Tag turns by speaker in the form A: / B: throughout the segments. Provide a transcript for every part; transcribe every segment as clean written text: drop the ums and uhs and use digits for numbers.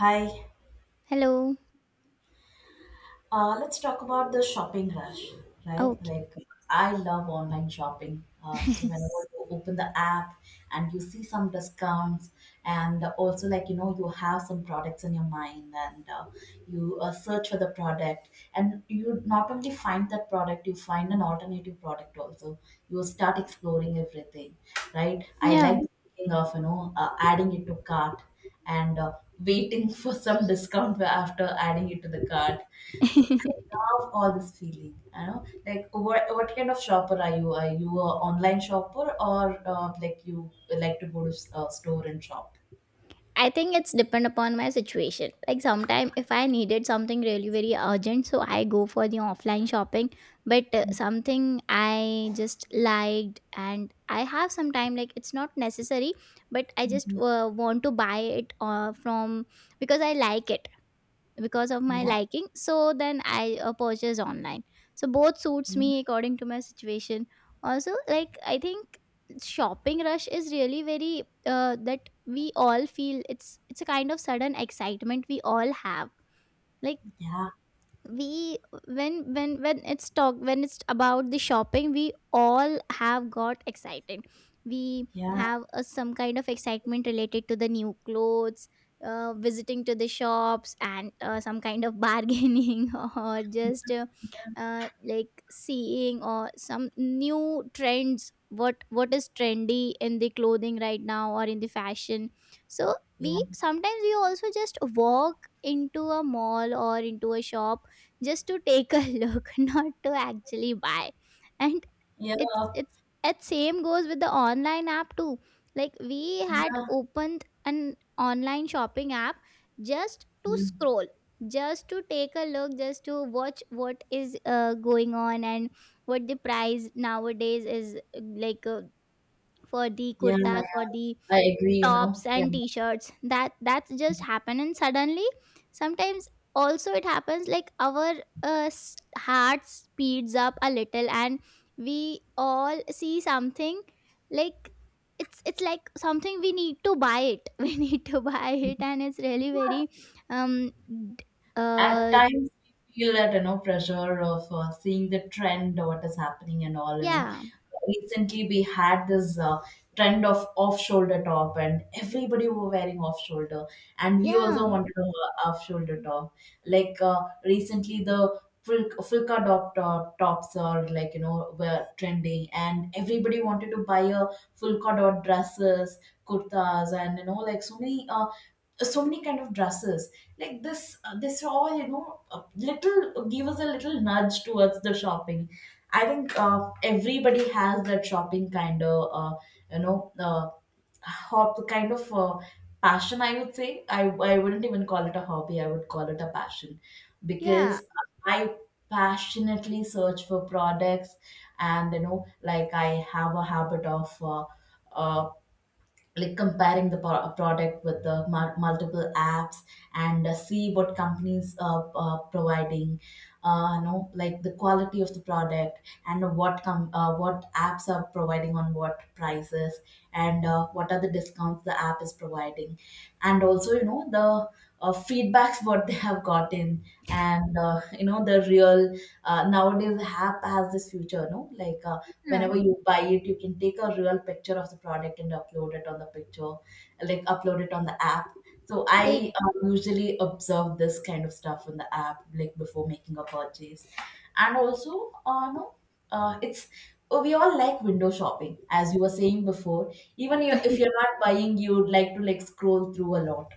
A: Hi,
B: Hello.
A: let's talk about the shopping rush, right?
B: Okay.
A: Like, I love online shopping. So whenever you open the app and you see some discounts, and also like you know you have some products in your mind, and you search for the product, and you not only find that product, you find an alternative product also. You start exploring everything, right? I
B: Yeah.
A: like thinking of adding it to cart and waiting for some discount after adding it to the cart. So I love all this feeling. You know, like what kind of shopper are you? Are you a online shopper or like you like to go to store and shop?
B: I think it's depend upon my situation. Like sometime if I needed something really very urgent, so I go for the offline shopping. But something I just liked and I have some time. Like it's not necessary, but I just
A: Mhm.
B: want to buy it from because I like it. Because of my
A: Yeah,
B: liking, so then I purchase online. So both suits
A: yeah,
B: me according to my situation. Also, like, I think shopping rush is really very that we all feel. It's a kind of sudden excitement we all have. Like,
A: yeah,
B: we when it's talk when it's about the shopping, we all have got excited. We
A: yeah,
B: have some kind of excitement related to the new clothes, visiting to the shops, and some kind of bargaining or just like, seeing or some new trends, what is trendy in the clothing right now or in the fashion. So
A: yeah,
B: we sometimes we also just walk into a mall or into a shop, just to take a look, not to actually buy. And
A: yeah,
B: it same goes with the online app too. Like, we had
A: yeah,
B: opened an online shopping app just to
A: yeah,
B: scroll, just to take a look, just to watch what is going on and what the price nowadays is, like for the
A: yeah, yeah.
B: kurtas or the
A: I agree. You know,
B: tops
A: yeah.
B: and t-shirts. That's just happen. And suddenly, sometimes also it happens like our heart speeds up a little, and we all see something, like, it's like something we need to buy it, we need to buy it, and it's really very um d-
A: At
B: uh
A: times we feel that you know pressure of seeing the trend what is happening and all you know.
B: yeah,
A: Recently we had this trend of off shoulder top and everybody were wearing off shoulder, and we also
B: yeah.
A: wanted a off shoulder top. Like recently the Fulka dot tops are like you know were trending and everybody wanted to buy a Fulka dot dresses, kurtas, and you know like so many so many kind of dresses. Like this this all you know little give us a little nudge towards the shopping. I think everybody has that shopping kind of you know hob kind of passion, I would say. I wouldn't even call it a hobby, I would call it a passion,
B: Yeah.
A: because I passionately search for products. And you know like I have a habit of uh, like comparing the product with the multiple apps, and see what companies are providing, you know like the quality of the product, and what what apps are providing on what prices, and what are the discounts the app is providing, and also you know the feedbacks what they have gotten. And you know the real nowadays app has this future no, like
B: Yeah.
A: whenever you buy it you can take a real picture of the product and upload it on the picture, like upload it on the app. So
B: Like,
A: I usually observe this kind of stuff in the app like before making a purchase. And also no, it's we all like window shopping, as you were saying before. Even you, if you're not buying you'd like to like scroll through a lot.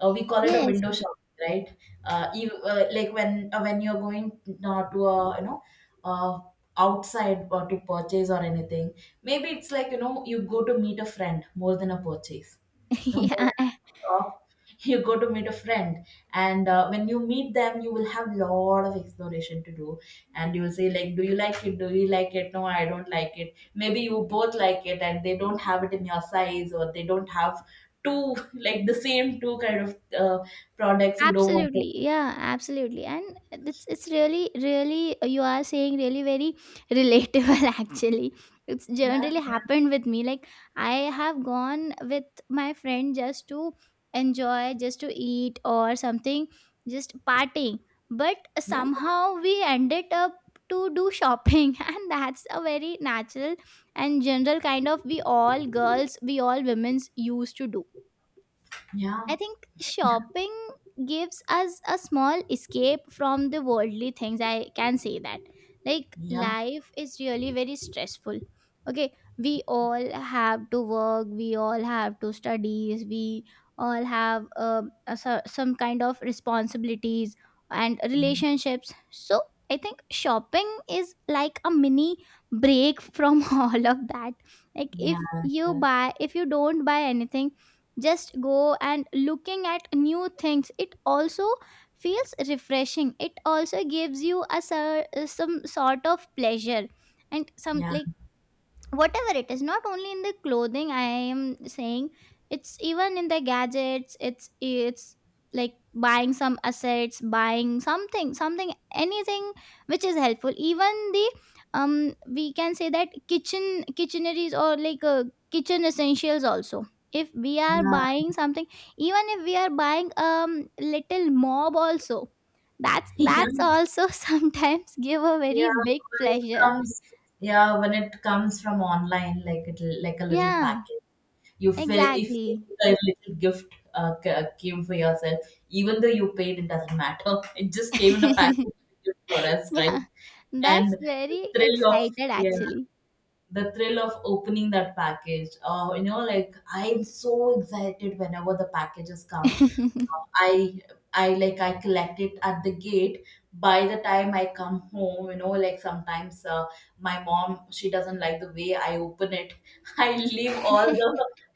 A: We call it a
B: yes.
A: window shopping, right? You, like when you're going to a you know uh, outside to purchase or anything, maybe it's like you know you go to meet a friend more than a purchase, no more
B: Yeah.
A: than a shop, you go to meet a friend. And when you meet them you will have lot of exploration to do. And you will say like, do you like it, do you like it, no I don't like it, maybe you both like it and they don't have it in your size, or they don't have two, like the same two kind of uh, products you don't want to.
B: Absolutely, yeah, absolutely, and it's really, really, you are saying really very relatable. Actually, it's
A: Yeah,
B: generally
A: yeah,
B: happened with me. Like, I have gone with my friend just to enjoy, just to eat or something, just partying. But
A: yeah,
B: somehow we ended up to do shopping, and that's a very natural and general kind of, we all girls, we all women's used to do.
A: yeah,
B: I think shopping gives us a small escape from the worldly things. I can say that. Like,
A: yeah,
B: life is really very stressful. Okay, we all have to work, we all have to studies, we all have some kind of responsibilities and relationships. So, I think shopping is like a mini break from all of that. Like,
A: yeah,
B: if
A: yeah,
B: you buy, if you don't buy anything, just go and looking at new things, it also feels refreshing, it also gives you some sort of pleasure and some,
A: yeah,
B: like, whatever it is, not only in the clothing I am saying, it's even in the gadgets. It's like buying some assets, buying something anything which is helpful. Even the, we can say that, kitcheneries, or like, kitchen essentials also, if we are
A: yeah,
B: buying something, even if we are buying little mob also, that's
A: yeah,
B: that's also sometimes give a
A: yeah
B: very big
A: when it
B: pleasure.
A: comes, yeah when it comes from online, like it, like a little
B: Yeah,
A: packet, you feel if
B: exactly.
A: a little gift came for yourself. Even though you paid, it doesn't matter, it just came in a packet for us,
B: Yeah,
A: right? And
B: that's
A: the
B: very
A: thrill of,
B: excited
A: yeah,
B: actually.
A: the thrill of opening that package, you know like I'm so excited whenever the packages come.
B: I
A: Uh, I I like I collect it at the gate. By the time I come home, you know, like sometimes my mom, she doesn't like the way I open it. I leave all the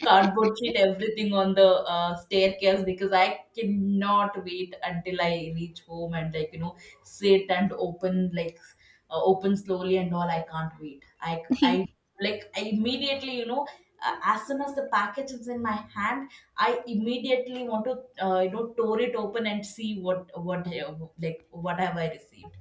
A: cardboard sheet, everything on the staircase, because I cannot wait until I reach home and like you know sit and open like open slowly and all. I can't wait. I like I immediately you know as soon as the package is in my hand I immediately want to you know tore it open and see what like what have I received.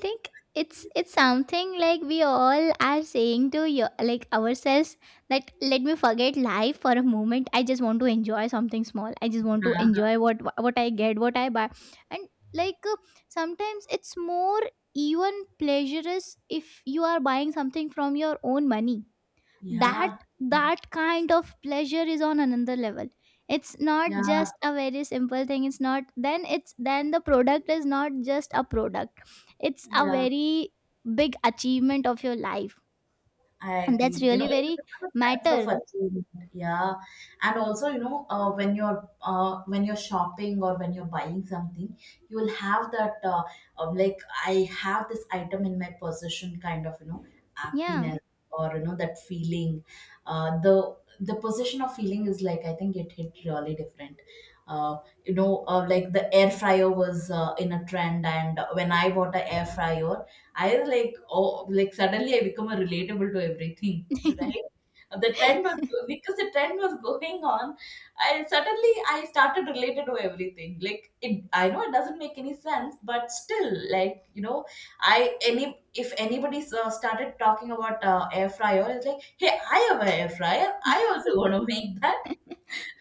B: think it's something like we all are saying to you, like, ourselves, that let me forget life for a moment. I just want to enjoy something small. I just want to
A: Yeah,
B: enjoy what I get, what I buy, and, like, sometimes it's more even pleasurous if you are buying something from your own money. that
A: yeah,
B: that kind of pleasure is on another level. It's not
A: yeah,
B: just a very simple thing, it's not, then it's, then the product is not just a product. It's a
A: yeah.
B: very big achievement of your life,
A: I
B: and
A: agree.
B: that's
A: You know,
B: really
A: it
B: very
A: will become a sense of
B: matter.
A: achievement. Yeah, and also you know, when you're shopping, or when you're buying something, you will have that like I have this item in my possession kind of, you know,
B: Yeah,
A: happiness, or you know, that feeling. The possession of feeling is like, I think it hit really different. You know, like the air fryer was in a trend, and when I bought an air fryer, I was like, oh, like suddenly I become a relatable to everything, right? The trend was, because the trend was going on. I suddenly I started related to everything. Like it, I know it doesn't make any sense, but still, like you know, I any if anybody started talking about air fryer, it's like, hey, I have an air fryer. I also want to make that.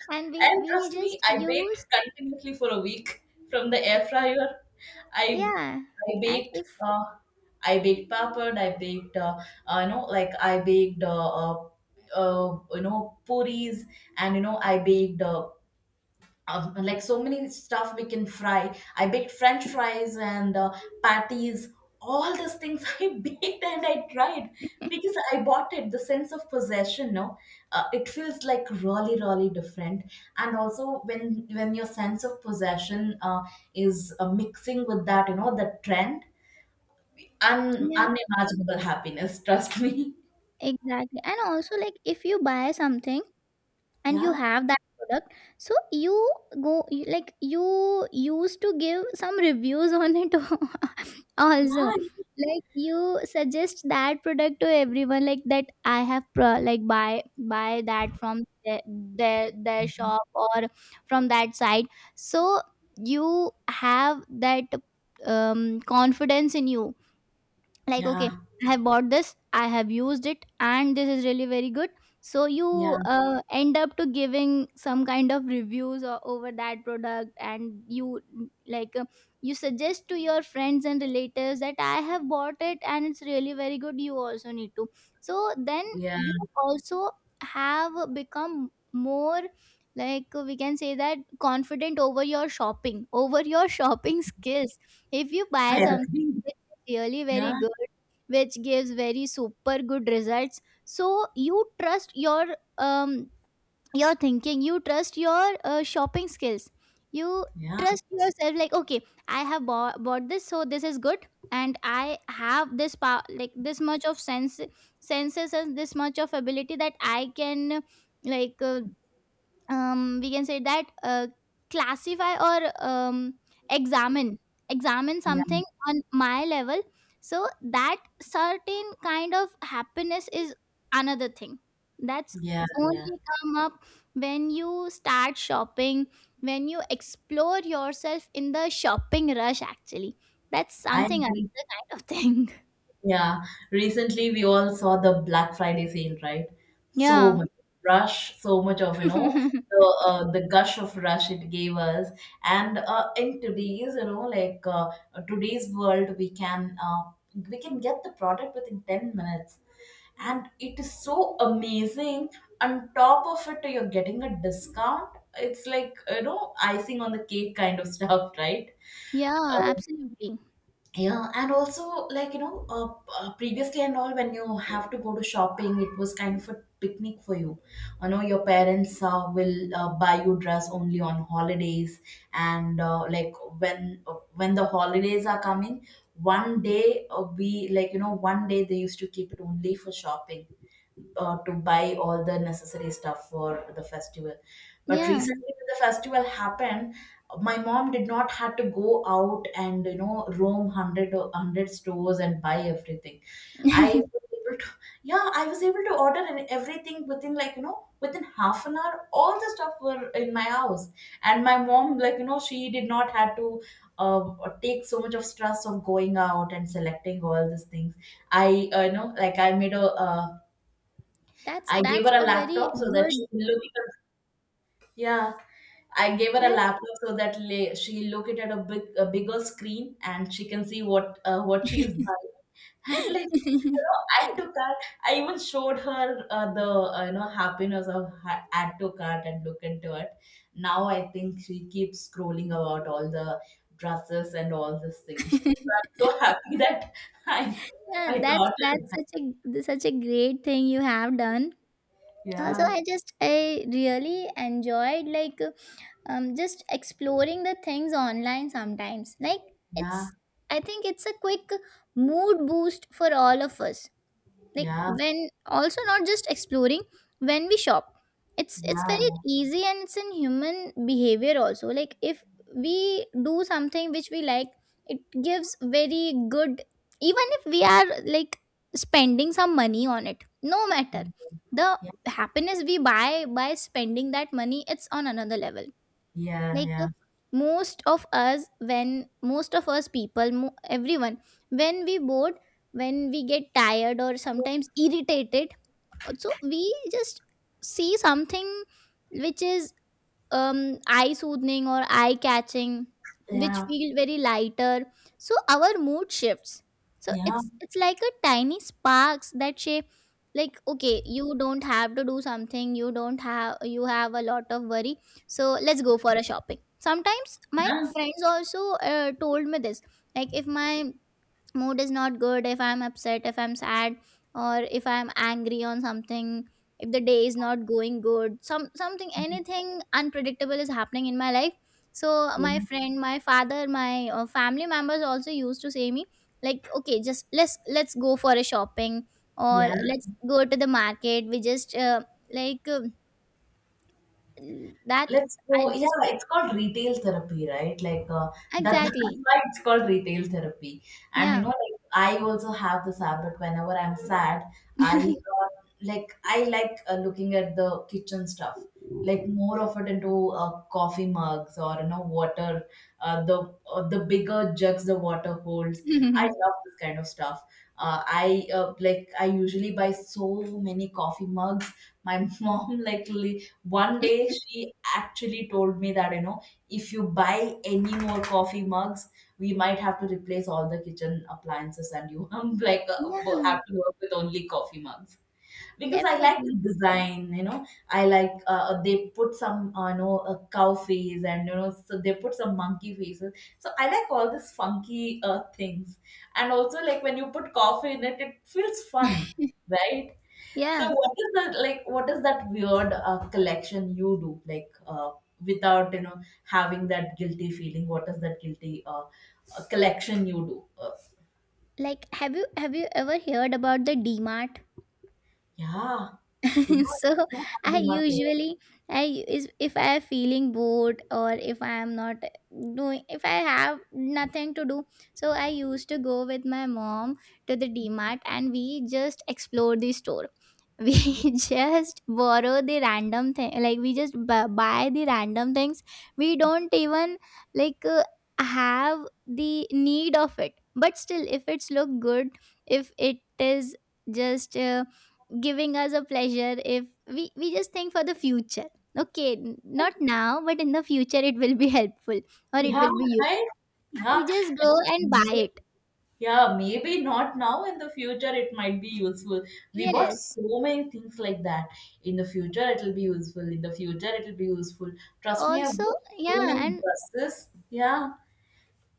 B: and we
A: And
B: we
A: trust me,
B: just
A: I baked
B: used.
A: continuously for a week from the air fryer. I
B: Yeah,
A: I
B: and
A: baked
B: if,
A: I baked papad. I baked you know like I baked you know puris. And you know I baked like so many stuff we can fry. I baked French fries and patties. All these things I baked and I tried, because I bought it. The sense of possession, no, it feels like really, really different. And also, when your sense of possession is mixing with that, you know, the trend,
B: yeah,
A: unimaginable happiness. Trust me.
B: exactly, and also, like, if you buy something and you
A: Yeah.
B: have that product, so like, you used to give some reviews on it, also,
A: Yeah.
B: like, you suggest that product to everyone, like, that I like, buy that from their shop or from that site. So you have that, confidence in you, like, okay,
A: Yeah.
B: I have bought this, I have used it, and this is really very good. So you
A: Yeah.
B: end up to giving some kind of reviews or over that product, and you, like, you suggest to your friends and relatives that I have bought it and it's really very good, you also need to. So then
A: Yeah.
B: you also have become more, like, we can say that, confident over your shopping, over your shopping skills, if you buy
A: I agree.
B: something really very
A: Yeah.
B: good, which gives very super good results, so you trust your thinking, you trust your shopping skills, you
A: Yeah.
B: trust yourself, like, okay, I have bought this, so this is good, and I have this power, like, this much of senses and this much of ability that I can, like, we can say that, classify, or, examine examine
A: Yeah.
B: something on my level. So that certain kind of happiness is another thing, that's
A: Yeah. Yeah.
B: only come up when you start shopping, when you explore yourself in the shopping rush actually. That's
A: I
B: something
A: agree.
B: another kind of thing.
A: Yeah, recently we all saw the Black Friday sale, right? So
B: Yeah.
A: much rush, so much of you know the gush of rush it gave us, and in today's you know like today's world we can get the product within 10 minutes, and it is so amazing. On top of it, you're getting a discount. It's like you know icing on the cake kind of stuff, right?
B: Yeah,
A: Uh,
B: absolutely.
A: yeah, and also like you know previously and all, when you have to go to shopping it was kind of a picnic for you. You know your parents will buy you dress only on holidays. And like when the holidays are coming, one day we like, you know, one day they used to keep it only for shopping, to buy all the necessary stuff for the festival. But
B: Yeah.
A: recently, when the festival happened, my mom did not have to go out and you know roam hundred or hundred stores and buy everything. I was able to, yeah, I was able to order and everything within like you know within half an hour. All the stuff were in my house, and my mom like you know she did not have to uh, take so much of stress of going out and selecting all these things. I you know like
B: that's
A: I gave
B: that's
A: her a
B: a very
A: laptop so that she
B: good.
A: can look at a, yeah. I gave her a laptop so that she look it at a big a bigger screen and she can see what she is buying. And like you know, add to cart. I even showed her the you know happiness of add to cart and look into it. Now I think she keeps scrolling about all the dresses and all these things. So I'm so happy that I
B: Yeah,
A: I
B: that's
A: taught
B: that's
A: her.
B: such a great thing you have done. Also,
A: Yeah,
B: I really enjoyed, like, just exploring the things online sometimes. Like,
A: yeah,
B: it's I think it's a quick mood boost for all of us. Like,
A: yeah,
B: when, also, not just exploring, when we shop, it's
A: yeah.
B: very easy, and it's in human behavior also, like, if we do something which we like, it gives very good. Even if we are, like, spending some money on it, no
A: Yeah,
B: matter, the
A: yeah,
B: happiness we buy by spending that money, it's on another level.
A: yeah.
B: Like,
A: Yeah.
B: most of us, when most of us people, everyone, when we bored, when we get tired or sometimes irritated, so we just see something which is, eye soothing or eye catching, which
A: Yeah.
B: feel very lighter. So our mood shifts. So
A: Yeah.
B: it's like a tiny sparks that shape, like, okay, you don't have to do something, you don't have, you have a lot of worry, so let's go for a shopping. Sometimes my
A: Yeah.
B: friends also told me this, like, if my mood is not good, if I'm upset, if I'm sad, or if I'm angry on something, if the day is not going good, something, anything unpredictable is happening in my life, so
A: Yeah.
B: my friend, my father, my family members also used to say me, like, okay, just let's go for a shopping, or
A: Yeah.
B: let's go to the market, we just like, that.
A: Let's
B: I
A: go.
B: just,
A: Yeah, it's called retail therapy, right? Like that, that's
B: exactly.
A: why it's called retail therapy. And you
B: Yeah.
A: know, like I also have this habit, whenever I'm sad, I like I like looking at the kitchen stuff, like more of it into coffee mugs or you know water, the bigger jugs the water holds. I love this kind of stuff. I like I usually buy so many coffee mugs. My mom like one day she actually told me that, you know, if you buy any more coffee mugs, we might have to replace all the kitchen appliances and you I like
B: Yeah,
A: have to work with only coffee mugs. Because I like the
B: definitely.
A: design, I like they put some, cow face and, so they put some monkey faces. So I like all these funky things. And also like when you put coffee in it, it feels fun, right? So
B: Yeah,
A: what is that like? What is that weird collection you do like without having that guilty feeling? What is that guilty collection you do?
B: like, have you ever heard about the DMart?
A: Yeah, demand.
B: So
A: You have
B: I
A: demand.
B: usually, I is if I am feeling bored or if I am not doing, if I have nothing to do, so I used to go with my mom to the DMart, and we just explore the store, we just borrow the random thing, like, we just buy the random things, we don't even, like, have the need of it, but still, if it's look good, if it is just, giving us a pleasure, if we just think for the future, okay, not now but in the future it will be helpful, or it
A: Yeah,
B: will be
A: right.
B: useful, we
A: Yeah,
B: just go and buy
A: yeah.
B: it.
A: Yeah, maybe not now. In the future, it might be useful. We bought
B: Yes.
A: so many things like that. In the future, it'll be useful. In the future, it'll be useful. Trust me, I
B: Also,
A: bought so many
B: yeah, and
A: dresses. Yeah,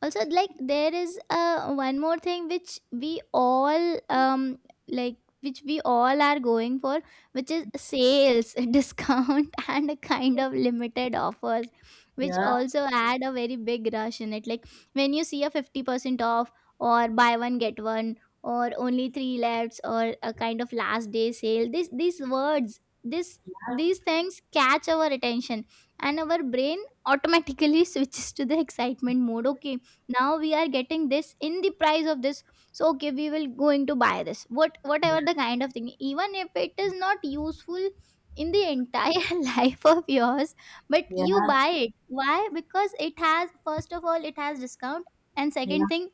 B: also, like, there is, one more thing which we all, like, which we all are going for, which is sales discount and a kind of limited offers, which
A: yeah.
B: also add a very big rush in it, like, when you see a 50% off, or buy one get one, or only three lefts, or a kind of last day sale, this these words, this these things catch our attention, and our brain automatically switches to the excitement mode. Okay, now we are getting this in the price of this. So okay, we will going to buy this, whatever the
A: Yeah.
B: kind of thing, even if it is not useful in the entire life of yours. But you
A: Yeah,
B: buy it. Why? Because it has, first of all, it has discount, and
A: yeah,
B: second thing,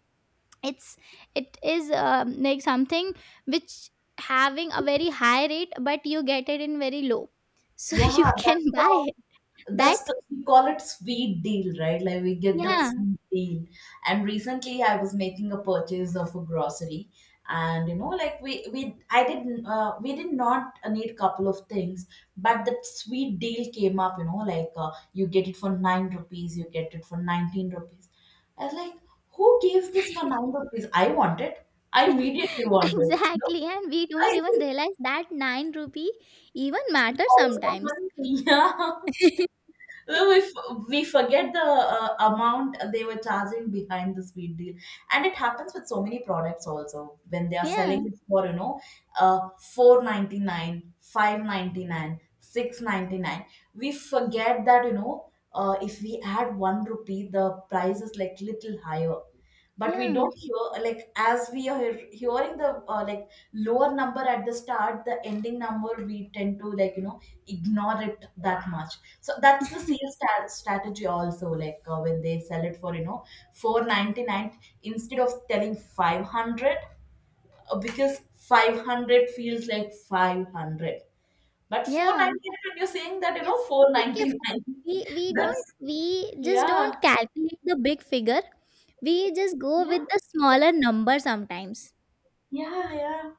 B: it's it is, like, something which having a very high rate but you get it in very low, so
A: yeah.
B: you can
A: That's
B: buy
A: the
B: it. That,
A: that's the We call it sweet deal, right? Like we get that
B: yeah.
A: sweet deal. And recently, I was making a purchase of a grocery, and like we did not need a couple of things, but that sweet deal came up. Like you get it for 9 rupees, you get it for 19 rupees. I was like, who gave this for 9 rupees? I want it. I immediately want it. You know?
B: Exactly, and we
A: I
B: don't even
A: think.
B: realize that 9 rupee even matters
A: Also,
B: sometimes.
A: yeah. Well, we forget the amount they were charging behind the sweet deal, and it happens with so many products also when they are selling
B: Yeah,
A: it for uh, 499 599 699. We forget that if we add 1 rupee the price is like little higher, but we
B: yeah,
A: don't hear, like, as we are hearing the like lower number at the start, the ending number we tend to like ignore it that much. So that's the sales strategy, also like when they sell it for 499 instead of telling 500. Because 500 feels like 500, but
B: yeah.
A: 499 you're saying that
B: It's okay.
A: 499,
B: We we don't
A: that's
B: we just don't
A: yeah,
B: calculate the big figure. We just go
A: yeah,
B: with the smaller number sometimes.
A: yeah, yeah,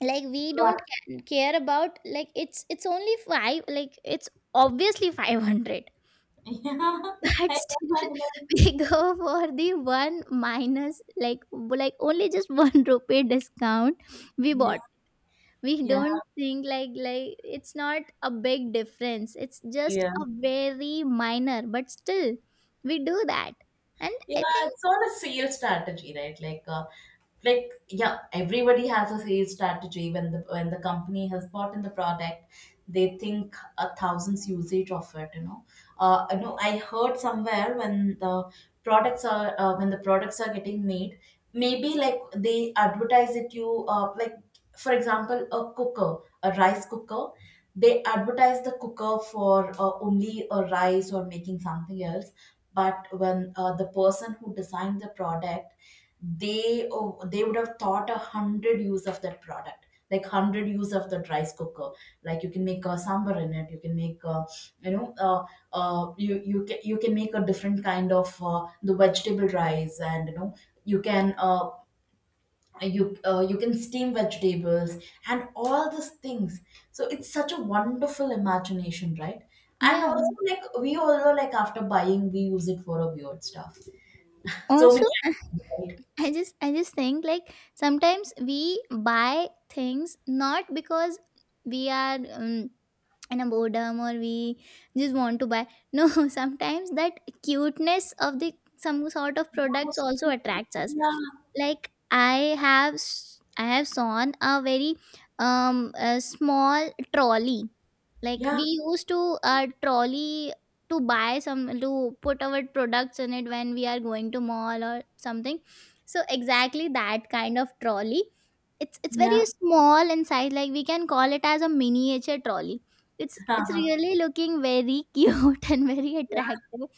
B: Like, we
A: yeah.
B: don't care about, like, it's only five, like, it's obviously 500,
A: yeah.
B: but still we go for the one minus, like, only just 1 rupee discount, we bought. We
A: Yeah,
B: don't think, like, it's not a big difference, it's just
A: yeah.
B: a very minor, but still we do that. And
A: Yeah,
B: I think,
A: it's all a sales strategy, right? Like, yeah, everybody has a sales strategy. When the company has bought in the product, they think a thousands usage of it. I know I heard somewhere when the products are getting made, maybe like they advertise it you like for example a cooker, a rice cooker. They advertise the cooker for only a rice or making something else, but when the person who designed the product, they would have thought 100 use of that product, like 100 use of that rice cooker. Like you can make a sambar in it, you can make a, you know you you can make a different kind of the vegetable rice. And you can uh, you can steam vegetables and all these things. So it's such a wonderful imagination, right? And
B: yeah,
A: also like we also like after buying we use it for a weird stuff, so many
B: also.
A: ideas,
B: I just think, like, sometimes we buy things not because we are, in a boredom, or we just want to buy. No. Sometimes that cuteness of the, some sort of products
A: right?
B: also attracts us,
A: Oh,
B: like, I I have sawn a very, um a small trolley, like
A: yeah, yeah.
B: we used to, trolley, to buy some, to put our products in it, when we are going to mall or something. So exactly that kind of trolley, it's very
A: Yeah,
B: small in size, like we can call it as a miniature trolley. It's really looking very cute and very attractive.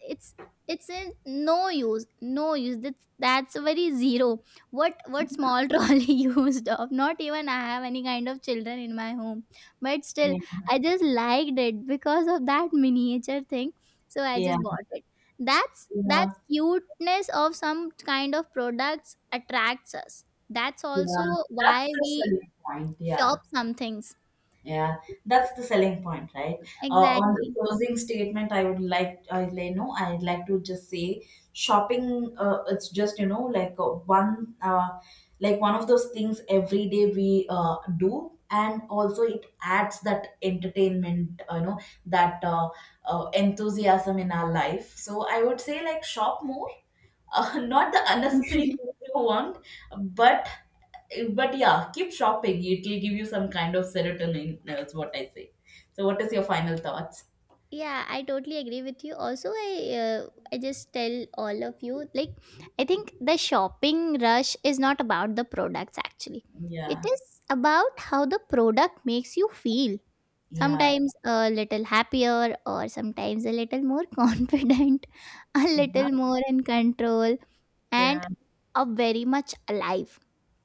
B: It's it's a no use, no use. That's a very zero. What small trolley used of? Not even I have any kind of children in my home, but still
A: yeah,
B: I just liked it because of that miniature thing. So I
A: yeah,
B: just bought it. That's
A: yeah,
B: that's cuteness of some kind of products attracts us. That's
A: yeah.
B: also
A: That's
B: why
A: the
B: we
A: selling point, yeah.
B: shop some things.
A: Yeah, that's the selling point, right? On the
B: Exactly.
A: closing statement, I would like, I you know, I'd like to just say, shopping. It's just like like one of those things every day we do, and also it adds that entertainment, that enthusiasm in our life. So I would say like shop more, not the unnecessary things you want. but But yeah, keep shopping. It will give you some kind of serotonin. That's what I say. So, what is your final thoughts?
B: Yeah, I totally agree with you. Also, I just tell all of you, like, I think the shopping rush is not about the products actually. It
A: Yeah,
B: is about how the product makes you feel.
A: yeah,
B: Sometimes a little happier, or sometimes a little more confident, a
A: uh-huh.
B: little more in control, and
A: Yeah,
B: a very much alive,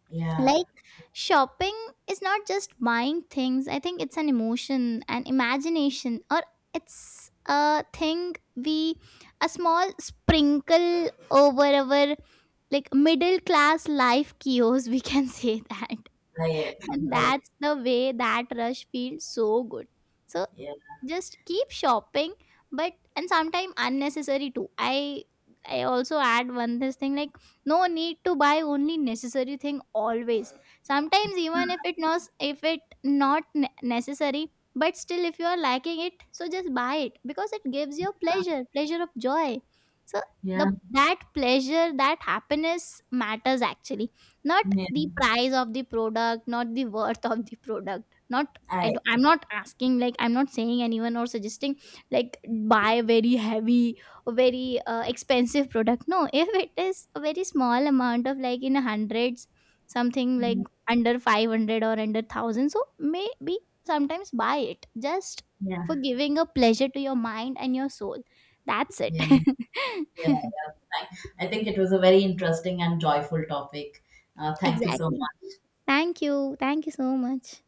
A: yeah.
B: like, shopping is not just buying things, I think it's an emotion, an imagination, or it's a thing we, a small sprinkle over our, like, middle class life kiosk, we can say that.
A: I agree.
B: And
A: I
B: that's the way that rush feels so good. So
A: Yeah,
B: just keep shopping, but and sometimes unnecessary too. I also add one this thing, like, no need to buy only necessary thing always. Sometimes, even if it not, if it not ne- necessary, but still, if you are liking it, so just buy it, because it gives you pleasure, pleasure of joy. So the
A: yeah,
B: that pleasure, that happiness matters actually, not
A: yeah.
B: the price of the product, not the worth of the product, not.
A: I
B: I do, I'm not asking, like, I'm not saying anyone or suggesting, like, buy very heavy or very, expensive product. No, if it is a very small amount of, like, in hundreds, something like under 500 or under 1000, so maybe sometimes buy it just for
A: Yeah,
B: giving a pleasure to your mind and your soul. That's it.
A: yeah, yeah. Yeah. Fine. I think it was a very interesting and joyful topic. Thank you so
B: Exactly.
A: much.
B: Thank you, thank you so much.